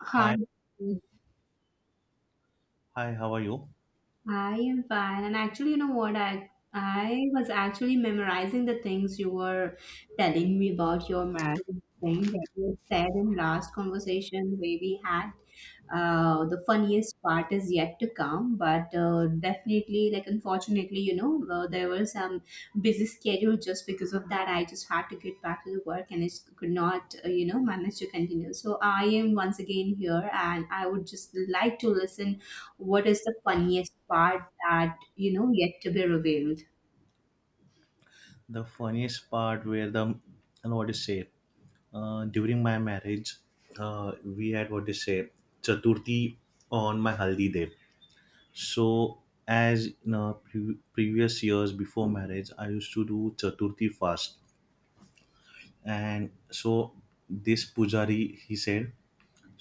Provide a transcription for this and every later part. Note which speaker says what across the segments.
Speaker 1: Hi,
Speaker 2: Hi, hi, how are you?
Speaker 1: I am fine. And actually, you know what? I was actually memorizing the things you were telling me about your marriage thing that you said in last conversation where we had. The funniest part is yet to come, but definitely, like unfortunately, there was some busy schedule. Just because of that, I just had to get back to the work and I just could not, manage to continue. So I am once again here, and I would just like to listen. What is the funniest part that, yet to be revealed?
Speaker 2: The funniest part where the and what is say during my marriage, we had what is say Chaturthi on my haldi day. So as in previous years before marriage, I used to do Chaturthi fast, and so this pujari he said,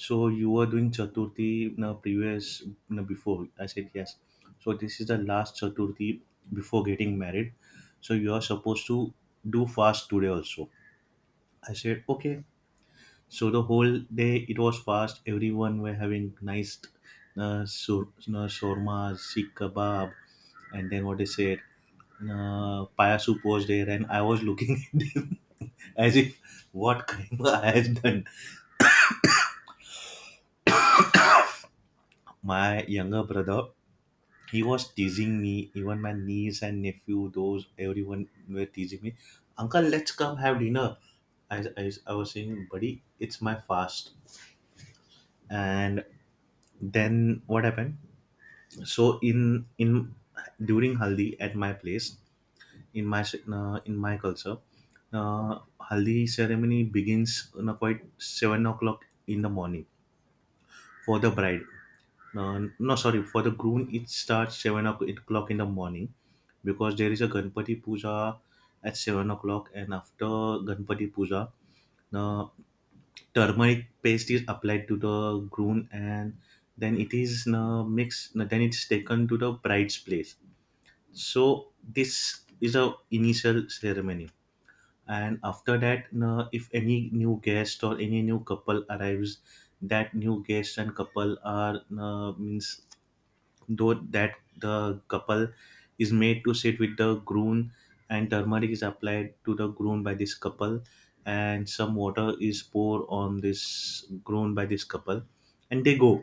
Speaker 2: so you were doing Chaturthi na previous na before. I said yes. So this is the last Chaturthi before getting married. So you are supposed to do fast today also. I said okay. So the whole day it was fast. Everyone were having nice shawarma, sikh kebab, and then what they said, paya soup was there, and I was looking at them as if what crime I had done. My younger brother he was teasing me, even my niece and nephew, those everyone were teasing me, uncle let's come have dinner. I was saying, buddy it's my fast. And then what happened? So in during haldi at my place, in my in my culture, uh, haldi ceremony begins, you know, quite 7 o'clock in the morning for the bride. No, no, sorry. For the groom, it starts seven o'clock in the morning, because there is a Ganpati Puja at 7 o'clock, and after Ganpati Puja, the turmeric paste is applied to the groom, and then it is mixed. Then it's taken to the bride's place. So this is a initial ceremony, and after that, if any new guest or any new couple arrives, that new guest and couple are means, though that the couple is made to sit with the groom, and turmeric is applied to the groom by this couple, and some water is poured on this groom by this couple, and they go.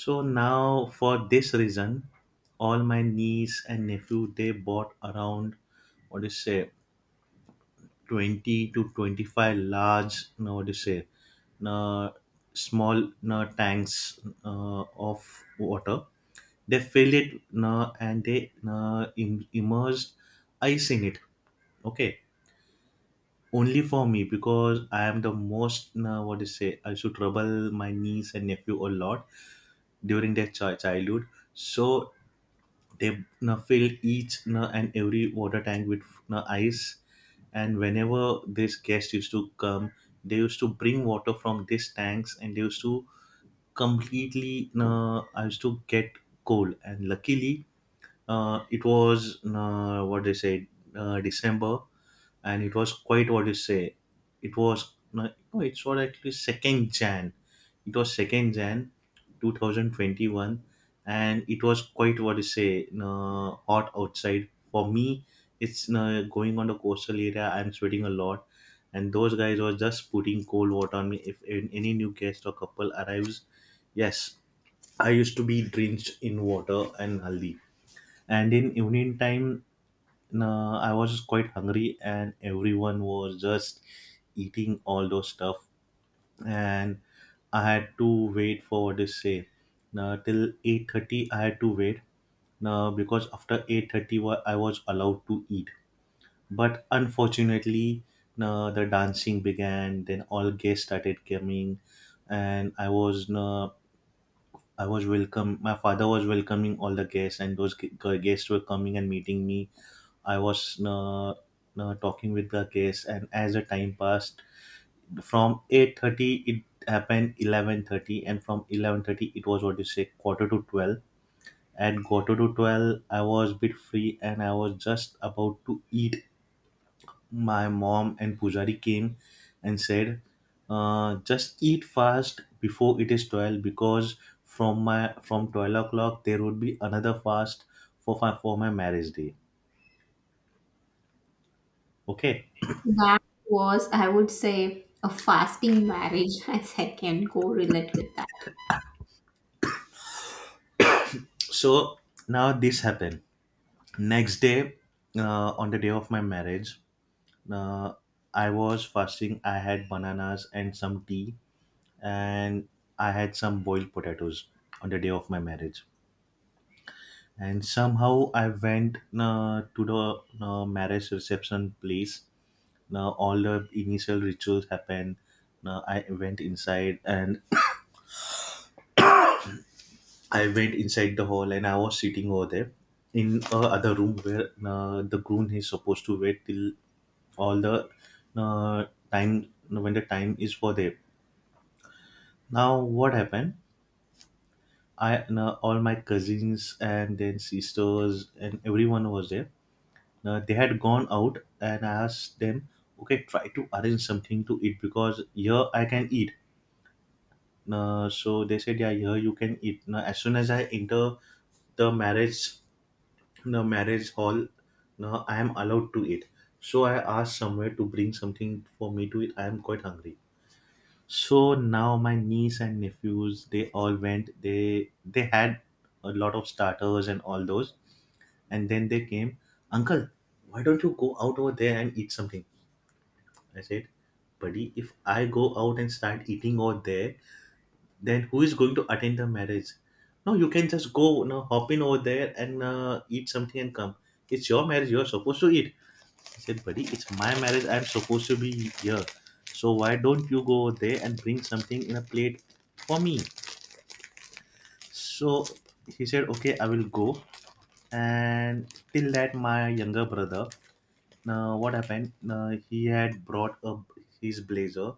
Speaker 2: So now for this reason, all my niece and nephew they bought around, what do you say, 20 to 25 large, no what do you say, uh, small tanks of water. They feel it, and they immerse eyes in it. Okay, only for me, because I am the most what do you say, I should trouble my niece and nephew a lot during their childhood. So they fill each and every water tank with ice. And whenever this guest used to come, they used to bring water from these tanks, and they used to completely I used to get cold. And luckily it was what they say, December. And it was quite what you say, it was no, no, it's what actually second jan, it was second jan 2021. And it was quite what you say, hot outside for me. It's going on the coastal area, I'm sweating a lot. And those guys were just putting cold water on me if any new guest or couple arrives. Yes, I used to be drenched in water and haldi. And in evening time I was quite hungry, and everyone was just eating all those stuff. And I had to wait for what they say, now till 8:30 I had to wait, now because after 8:30 I was allowed to eat. But unfortunately the dancing began, then all guests started coming, and I was welcome. My father was welcoming all the guests, and those guests were coming and meeting me. I was talking with the guests, and as the time passed, from 8:30 it happened 11:30, and from 11:30 it was what you say quarter to twelve. At quarter to twelve, I was bit free, and I was just about to eat. My mom and Pujari came and said, "Just eat fast before it is 12, because from 12 o'clock there would be another fast for my marriage day." Okay,
Speaker 1: That was, I would say, a fasting marriage, I said, can correlate with that.
Speaker 2: so now this happened. Next day, on the day of my marriage, uh, I was fasting. I had bananas and some tea, and I had some boiled potatoes on the day of my marriage. And somehow I went to the marriage reception place. Now all the initial rituals happened. Now I went inside and I went inside the hall and I was sitting over there in a other room where the groom is supposed to wait till all the uh, time when the time is for there. Now what happened? I all my cousins and then sisters and everyone was there. They had gone out, and I asked them, okay, try to arrange something to eat because here I can eat. So they said, yeah, here you can eat. Now, as soon as I enter the marriage, the marriage hall, now I am allowed to eat. So I asked somewhere to bring something for me to eat. I am quite hungry. So now my niece and nephews, they all went. They had a lot of starters and all those, and then they came. Uncle, why don't you go out over there and eat something? I said, buddy, if I go out and start eating over there, then who is going to attend the marriage? No, you can just go, you know, hop in over there and eat something and come. It's your marriage. You're supposed to eat. I said, buddy, it's my marriage. I'm supposed to be here. So why don't you go over there and bring something in a plate for me? So he said, okay, I will go. And till that, my younger brother. Now, what happened? Now, he had brought up his blazer,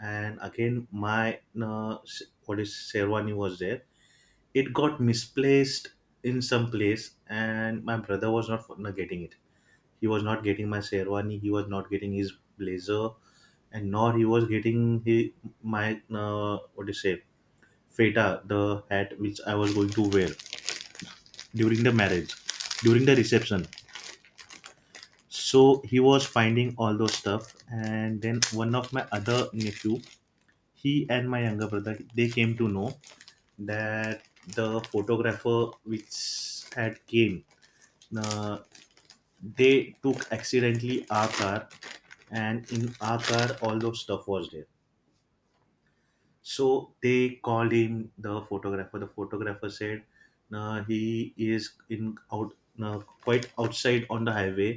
Speaker 2: and again, my what is Sherwani was there. It got misplaced in some place, and my brother was not getting it. He was not getting my Sherwani, he was not getting his blazer, and nor he was getting he, my what do you say, feta, the hat which I was going to wear during the marriage, during the reception. So he was finding all those stuff, and then one of my other nephew, he and my younger brother, they came to know that the photographer which had came, uh, they took accidentally our car, and in our car all those stuff was there. So they called him, the photographer. The photographer said he is in out, quite outside on the highway.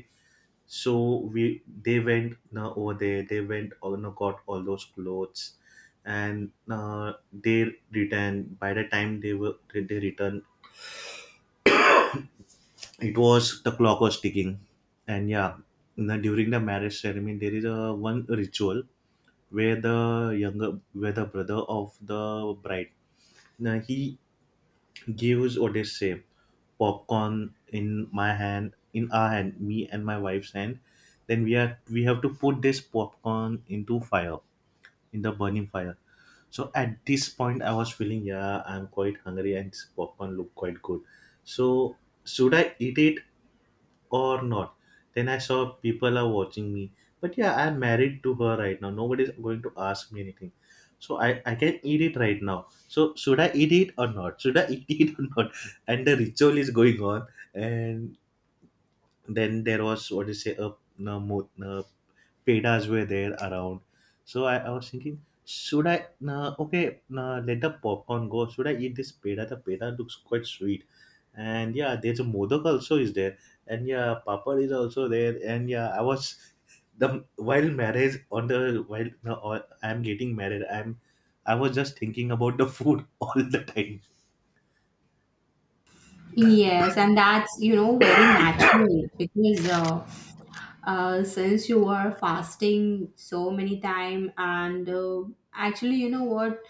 Speaker 2: So we they went, now over there they went or no, got all those clothes, and they returned. By the time they were they returned, it was, the clock was ticking. And yeah, now during the marriage ceremony there is a one ritual where the younger, where the brother of the bride, now he gives Odyssey. Popcorn in my hand, in our hand, me and my wife's hand. Then we have to put this popcorn into fire, in the burning fire. So at this point, I was feeling, yeah, I'm quite hungry and this popcorn look quite good. So should I eat it or not? Then I saw people are watching me. But yeah, I'm married to her right now. Nobody's going to ask me anything. So I can eat it right now. So should I eat it or not? Should I eat it or not? And the ritual is going on. And then there was what do you say a pedas were there around. So I was thinking, should I, nah, okay, nah, let the popcorn go. Should I eat this peda? The peda looks quite sweet. And yeah, there's a modak also is there. And yeah, papad is also there. And yeah, I was, the while marriage on the while no, or I'm getting married, I was just thinking about the food all the time.
Speaker 1: Yes, and that's, you know, very natural because since you were fasting so many time and actually you know what,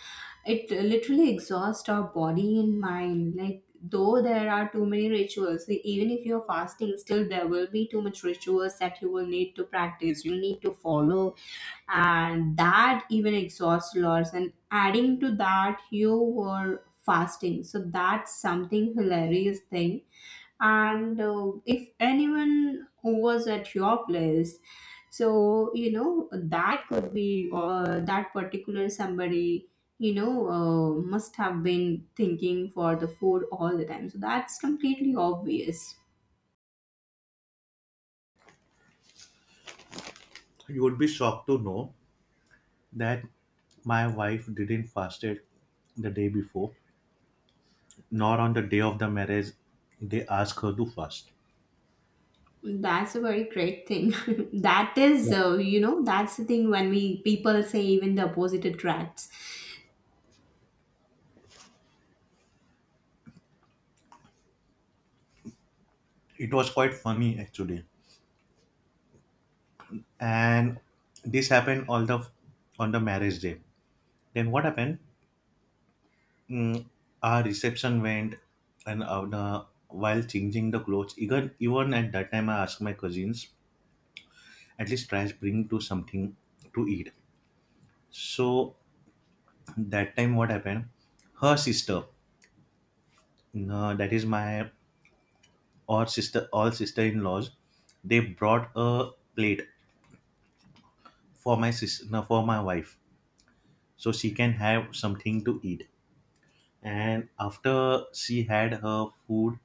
Speaker 1: it literally exhausts our body and mind, like though there are too many rituals, like, even if you're fasting still there will be too much rituals that you will need to practice, you need to follow, and that even exhausts lots, and adding to that you were fasting, so that's something hilarious thing. And if anyone was at your place, so you know that could be that particular somebody, must have been thinking for the food all the time, so that's completely obvious.
Speaker 2: You would be shocked to know that my wife didn't fasted the day before. Not on the day of the marriage, they ask her to fast.
Speaker 1: That's a very great thing that is,
Speaker 2: Yeah.
Speaker 1: you know, that's the thing when we people say even the opposite attracts.
Speaker 2: It was quite funny actually. And this happened all the on the marriage day. Then what happened? Mm, our reception went, and the, while changing the clothes, even at that time, I asked my cousins, at least try to bring to something to eat. So that time what happened? Her sister, that is my or sister, all sister in laws, they brought a plate for my sis no, for my wife so she can have something to eat. And after she had her food,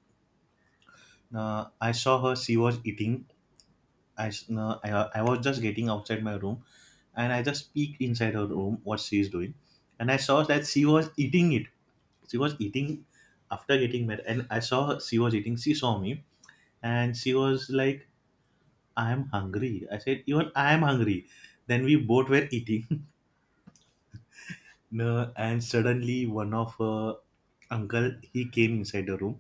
Speaker 2: I saw her, she was eating. I, s- uh, I, I was just getting outside my room, and I just peeked inside her room what she is doing, and I saw that she was eating it. She was eating after getting mad, and I saw her, she was eating, she saw me, and she was like, I am hungry. I said, even I am hungry. Then we both were eating. And suddenly one of her uncle, he came inside the room,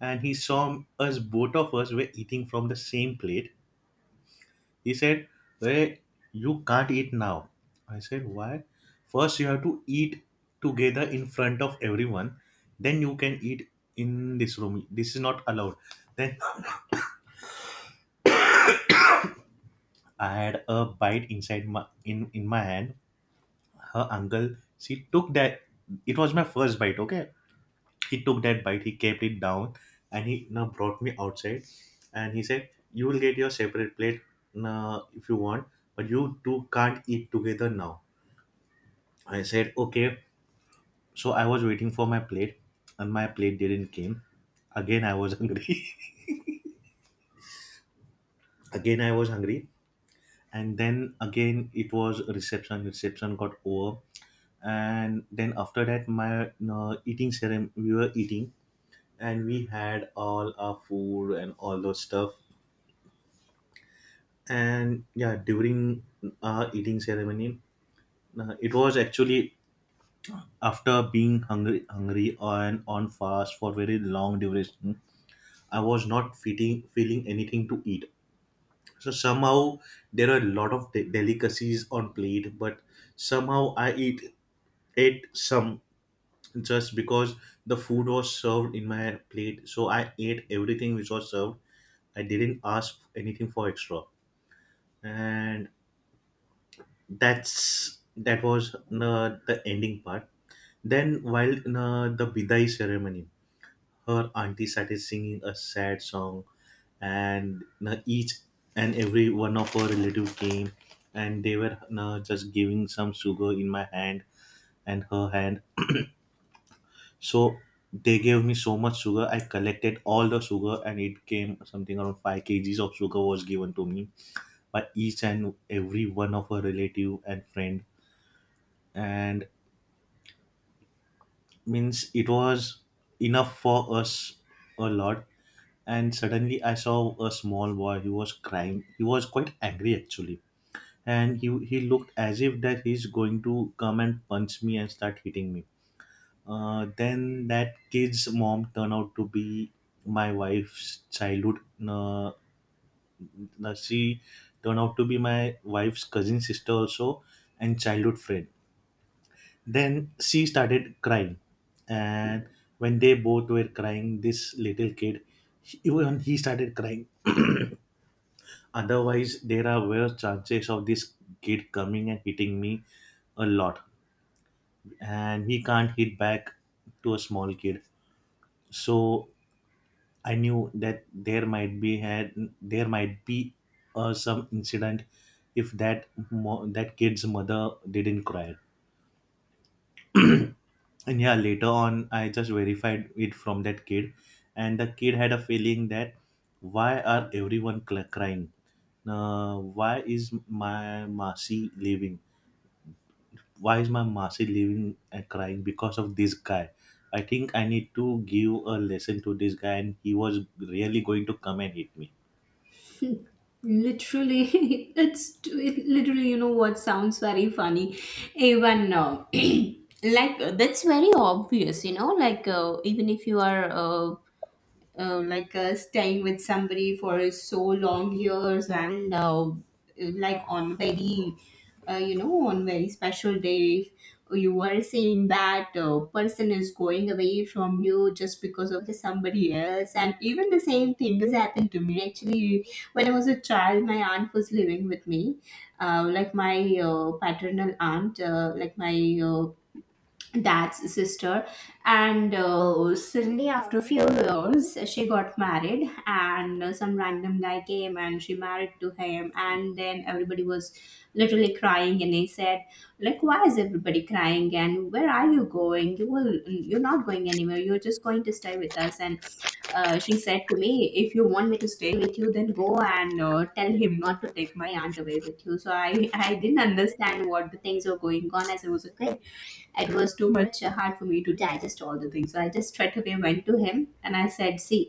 Speaker 2: and he saw us, both of us were eating from the same plate. He said, hey, you can't eat now. I said, why? First you have to eat together in front of everyone, then you can eat. In this room this is not allowed. Then I had a bite inside my in my hand. Her uncle, she took that, it was my first bite, okay. He took that bite, he kept it down, and he now brought me outside, and he said, you will get your separate plate, if you want, but you two can't eat together now. I said, okay. So I was waiting for my plate, and my plate didn't came. Again I was hungry. Again I was hungry. And then again it was reception, reception got over. And then after that my eating ceremony, we were eating, and we had all our food and all those stuff. And yeah, during eating ceremony, it was actually after being hungry and on fast for very long duration, I was not feeling anything to eat. So somehow there are a lot of delicacies on plate, but somehow I eat ate some, just because the food was served in my plate, so I ate everything which was served. I didn't ask anything for extra. And that was the ending part. Then while the bidai ceremony, her auntie started singing a sad song, and each and every one of her relative came, and they were just giving some sugar in my hand and her hand. So they gave me so much sugar, I collected all the sugar and it came something around 5 kg kgs of sugar was given to me by each and every one of her relative and friend. And means it was enough for us, a lot. And suddenly I saw a small boy, he was crying, he was quite angry actually. And he looked as if that he's going to come and punch me and start hitting me. Then that kid's mom turned out to be my wife's childhood, uh, she turned out to be my wife's cousin sister also and childhood friend. Then she started crying. And when they both were crying, this little kid, even he started crying. Otherwise, there are worse chances of this kid coming and hitting me a lot. And he can't hit back to a small kid. So I knew that there might be some incident if that that kid's mother didn't cry. And yeah, later on I just verified it from that kid, and the kid had a feeling that why are everyone crying. Why is my Masi leaving? Why is my Masi leaving and crying because of this guy? I think I need to give a lesson to this guy, and he was really going to come and hit me.
Speaker 1: Literally it literally, you know what, sounds very funny. Even like that's very obvious, you know, like even if you are staying with somebody for so long years, and like on very you know, on very special day, you are seeing that person is going away from you just because of the somebody else. And even the same thing has happened to me actually when I was a child. My aunt was living with me, like my paternal aunt, like my dad's sister. And suddenly after a few years she got married and some random guy came and she married to him, and then everybody was literally crying. And they said, like, why is everybody crying and where are you going? You will, you're not going anywhere, you're just going to stay with us. And she said to me, if you want me to stay with you, then go and tell him not to take my aunt away with you. So I didn't understand what the things were going on, as I was a kid. It was too much hard for me to digest all the things. So I just straight away went to him and I said, see,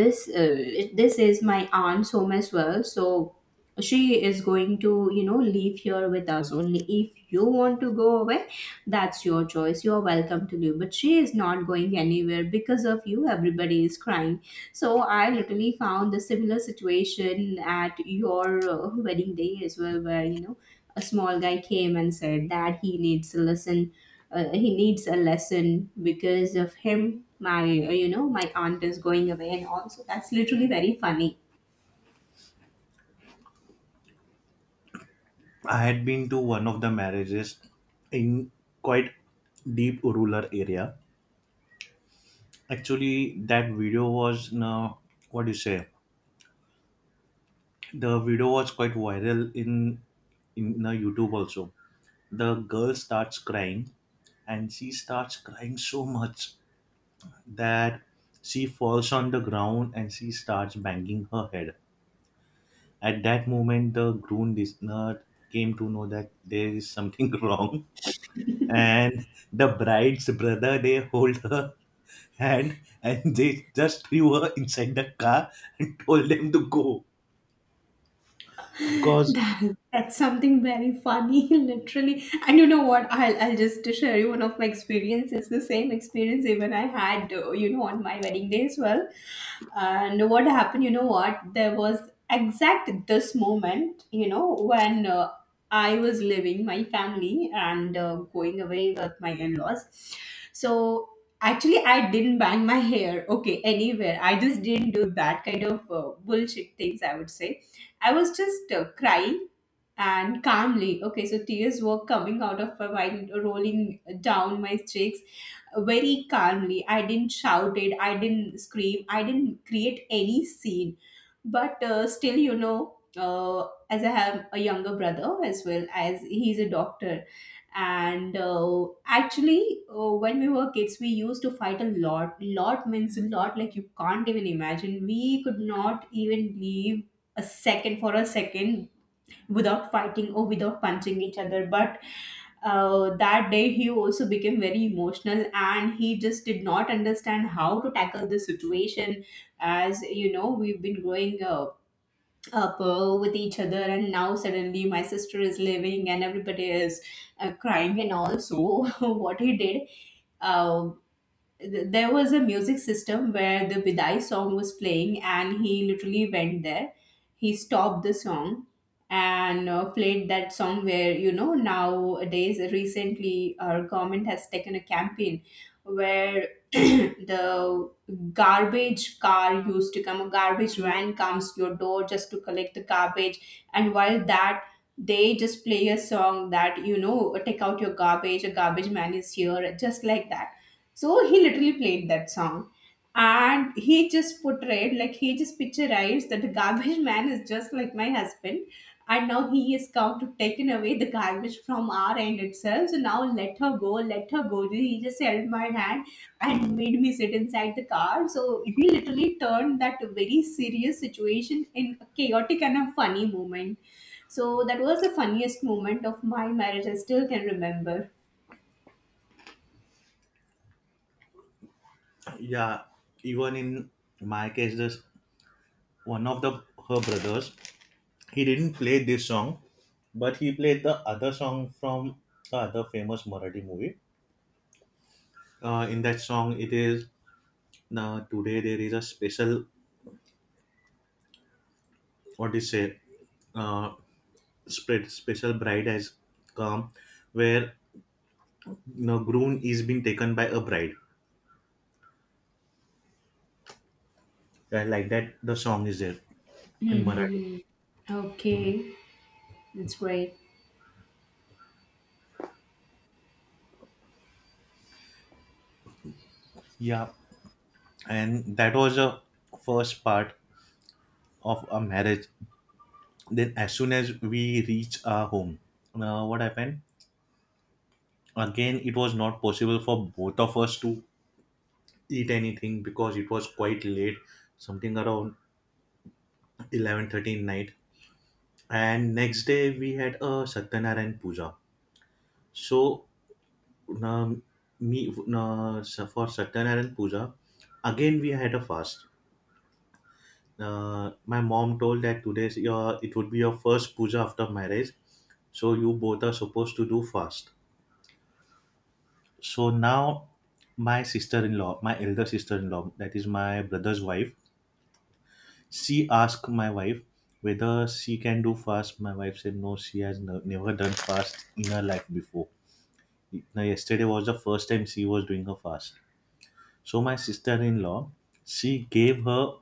Speaker 1: this is my aunt's home as well, so she is going to, you know, leave here with us only. If you want to go away, that's your choice, you're welcome to leave, but she is not going anywhere. Because of you everybody is crying. So I literally found the similar situation at your wedding day as well, where, you know, a small guy came and said that he needs a lesson. He needs a lesson because of him, my, my aunt is going away and all. So that's literally very funny.
Speaker 2: I had been to one of the marriages in quite deep rural area. Actually, that video was now, what do you say? The video was quite viral in youtube also. The girl starts crying, and she starts crying so much that she falls on the ground and she starts banging her head. At that moment, the groom listener came to know that there is something wrong. And the bride's brother, they hold her hand and they just threw her inside the car and told them to go because.
Speaker 1: That, that's something very funny, literally. And you know what? I'll just share you one of my experiences. The same experience even I had, you know, on my wedding day as well. And what happened, you know what? There was exact this moment, you know, when I was leaving my family and going away with my in laws. So actually, I didn't bang my hair, okay, anywhere. I just didn't do that kind of bullshit things, I would say. I was just crying and calmly. Okay, so tears were coming out of her while rolling down my cheeks very calmly. I didn't shout it, I didn't scream, I didn't create any scene. But still, as I have a younger brother as well, as he's a doctor. And actually, when we were kids, we used to fight a lot. Lot means a lot, like you can't even imagine. We could not even leave a second for a second without fighting or without punching each other. But that day he also became very emotional and he just did not understand how to tackle the situation. As you know, we've been growing up with each other, and now suddenly my sister is leaving and everybody is crying and all. So what he did, uh, there was a music system where the Bidai song was playing, and he literally went there. He stopped the song and played that song where, you know, nowadays, recently, our government has taken a campaign where the garbage car used to come, a garbage van comes to your door just to collect the garbage. And while that, they just play a song that, you know, take out your garbage, a garbage man is here, just like that. So he literally played that song. And he just portrayed, like, he just picturized that the garbage man is just like my husband. And now he has come to taken away the garbage from our end itself. So now let her go, let her go. He just held my hand and made me sit inside the car. So he literally turned that very serious situation in a chaotic and a funny moment. So that was the funniest moment of my marriage. I still can remember.
Speaker 2: Yeah, even in my case, this one of the her brothers, he didn't play this song, but he played the other song from the other famous Marathi movie. In that song, it is, today there is a special, what do you say? Uh, spread special bride has come, where you know, groom is being taken by a bride. Yeah, like that, the song is there in Marathi.
Speaker 1: Hmm. Okay, that's great.
Speaker 2: Yeah, and that was a first part of a marriage. Then as soon as we reach our home, what happened, again it was not possible for both of us to eat anything because it was quite late, something around 11 13 night. And next day we had a satyanarayan puja. So um, me so for satyanarayan puja, again we had a fast. My mom told that today's your, it would be your first puja after marriage, so you both are supposed to do fast. So now my sister-in-law, my elder sister-in-law, that is my brother's wife, she asked my wife whether she can do fast. My wife said no, she has no, never done fast in her life before. Now yesterday was the first time she was doing her fast. So my sister-in-law, she gave her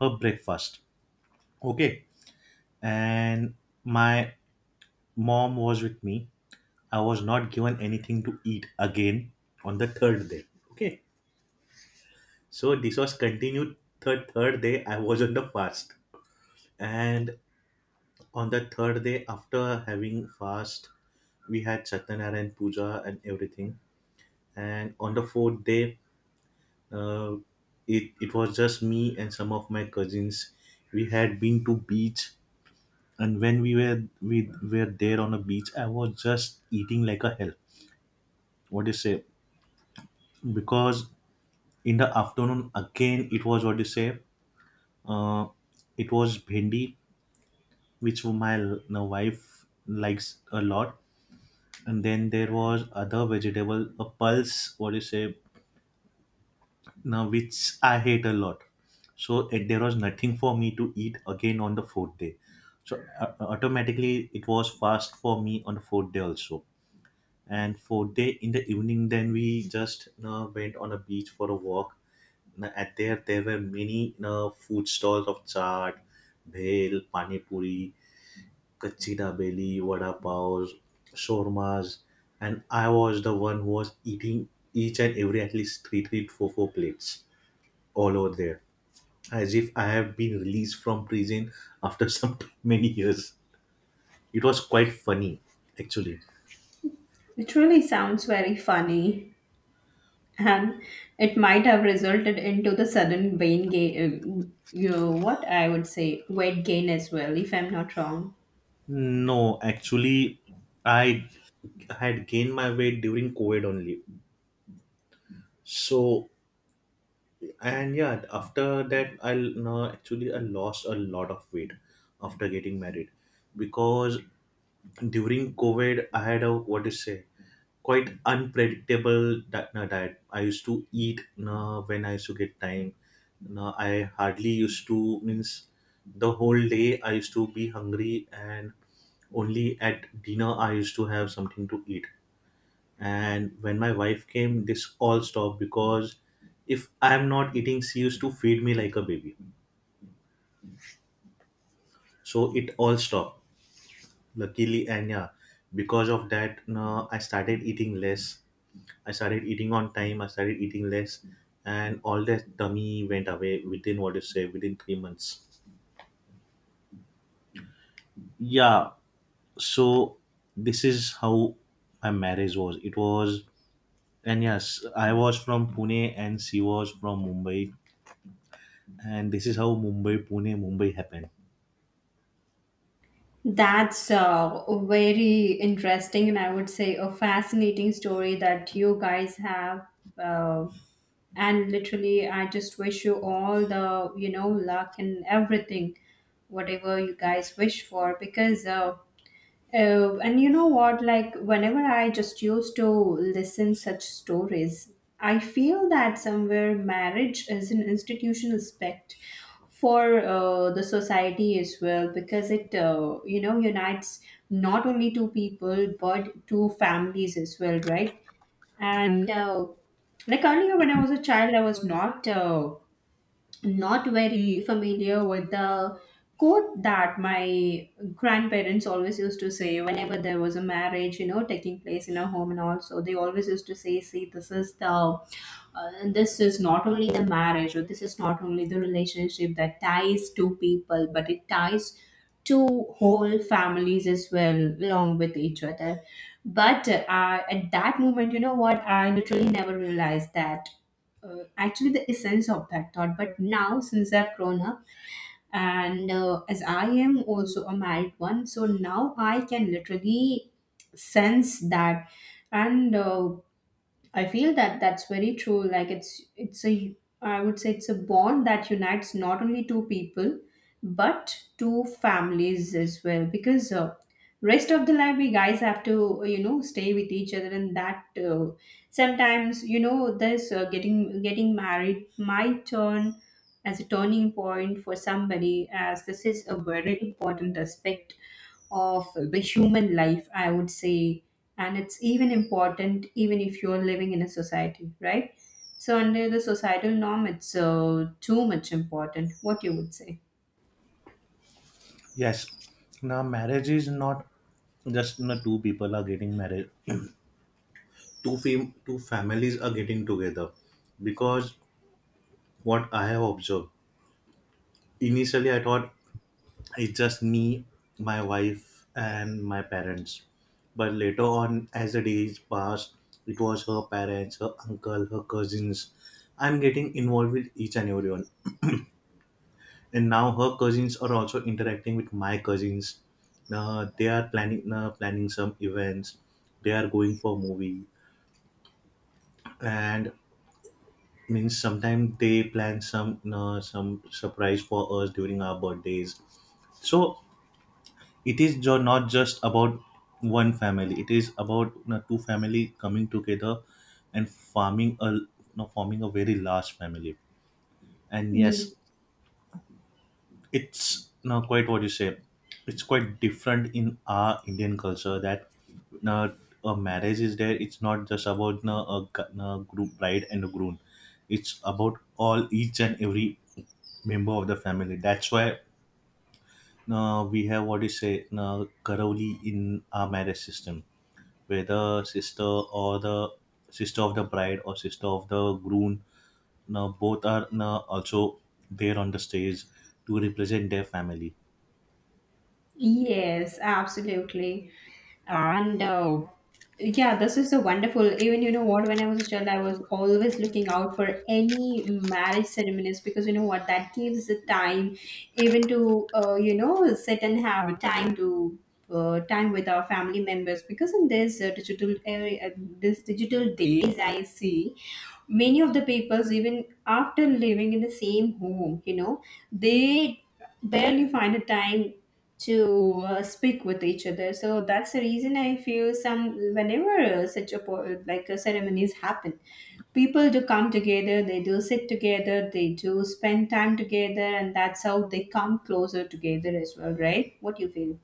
Speaker 2: her breakfast. Okay. And my mom was with me. I was not given anything to eat again on the third day. Okay. So this was continued third day. I was on the fast, and on the third day after having fast, we had Satyanarayan puja and everything. And on the fourth day, uh, it was just me and some of my cousins. We had been to beach, and when we were there on a beach, I was just eating like a hell. What do you say? Because in the afternoon again, it was, what do you say? Uh, it was bhendi, which my now wife likes a lot. And then there was other vegetable, a pulse, what do you say, now which I hate a lot. So eh, there was nothing for me to eat again on the fourth day. So automatically it was fast for me on the fourth day also. And fourth day in the evening, then we just went on a beach for a walk. Now, at there, there were many food stalls of chaat, bhel, pani puri, Kachi Dabeli, Vada Paos, Shawarmas, and I was the one who was eating each and every at least three, three, four, four plates all over there, as if I have been released from prison after some many years. It was quite funny, actually.
Speaker 1: It really sounds very funny, and it might have resulted into the sudden vein gain. You know, what I would say, weight gain as well, if I'm not wrong.
Speaker 2: No, actually, I had gained my weight during COVID only. So and yeah, after that I no, actually I lost a lot of weight after getting married, because during covid I had a, what to say, quite unpredictable di- no, diet. I used to eat no, When I used to get time, no, I hardly used to, means, the whole day I used to be hungry, and only at dinner I used to have something to eat. And when my wife came, this all stopped, because if I'm not eating, she used to feed me like a baby. So it all stopped, luckily. And yeah, because of that, no, I started eating less, I started eating on time, I started eating less. And all that tummy went away within, what you say, within 3 months. Yeah. So this is how my marriage was, it was. And yes, I was from pune and she was from mumbai, and this is how mumbai pune mumbai happened.
Speaker 1: That's a very interesting, and I would say a fascinating story that you guys have. Uh, and literally, I just wish you all the, you know, luck and everything, whatever you guys wish for, because oh, and you know what? Like, whenever I just used to listen such stories, I feel that somewhere marriage is an institutional aspect for the society as well, because it, you know, unites not only two people but two families as well, right? And like earlier when I was a child, I was not. Not very familiar with the quote that my grandparents always used to say whenever there was a marriage, you know, taking place in a home. And also they always used to say, see, this is the, this is not only the marriage or this is not only the relationship that ties two people, but it ties two whole families as well along with each other. But at that moment, you know what, I literally never realized that, actually, the essence of that thought. But now since I've grown up and as I am also a married one, so now I can literally sense that. And I feel that that's very true. Like it's a, I would say it's a bond that unites not only two people but two families as well. Because rest of the life we guys have to, you know, stay with each other, and that sometimes, you know, this getting married might turn as a turning point for somebody, as this is a very important aspect of the human life, I would say. And it's even important even if you're living in a society, right? So under the societal norm, it's too much important. What you would say?
Speaker 2: Yes, now marriage is not just, you know, two people are getting married, two two families are getting together. Because what I have observed, initially I thought it's just me, my wife and my parents. But later on, as the days passed, it was her parents, her uncle, her cousins, I'm getting involved with each and everyone. And now her cousins are also interacting with my cousins, they are planning, planning some events, they are going for movie. And means sometimes they plan some surprise for us during our birthdays. So it is not just about one family, it is about, you know, two family coming together and forming a, you know, forming a very large family. And yes, it's now quite, what you say, it's quite different in our indian culture, that now a marriage is there, it's not just about now a, group bride and a groom, it's about all each and every member of the family. That's why now we have, what you say, now karavli in our marriage system, where the sister or the sister of the bride or sister of the groom, now both are now also there on the stage to represent their family.
Speaker 1: Yes, absolutely. And yeah, this is so wonderful. Even you know what, when I was a child, I was always looking out for any marriage ceremonies, because you know what, that gives the time even to, you know, sit and have time to time with our family members. Because in this digital area, this digital days, I see many of the peoples even after living in the same home, you know, they barely find a time to speak with each other. So that's the reason I feel, some, whenever such a like ceremonies happen, people do come together, they do sit together, they do spend time together, and that's how they come closer together as well, right? What do you feel?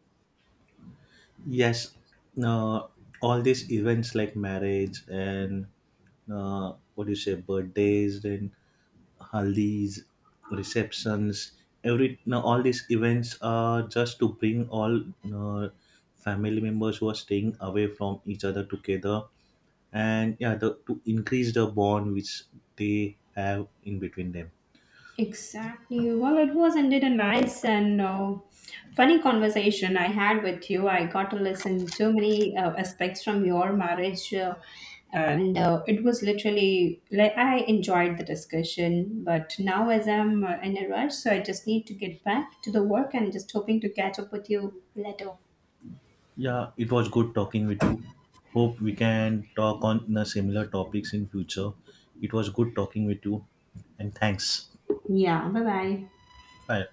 Speaker 2: Yes, uh, all these events like marriage and what do you say, birthdays and haldis, receptions, every no, all these events are just to bring all uh, family members who are staying away from each other together, and yeah, to increase the bond which they have in between them.
Speaker 1: Exactly. Well, it was indeed a nice and funny conversation I had with you. I got to listen to many aspects from your marriage, and it was literally like I enjoyed the discussion. But now, as I'm in a rush, so I just need to get back to the work and just hoping to catch up with you later.
Speaker 2: Yeah, it was good talking with you. Hope we can talk on similar topics in future. It was good talking with you and thanks.
Speaker 1: Yeah. Bye bye.
Speaker 2: Bye.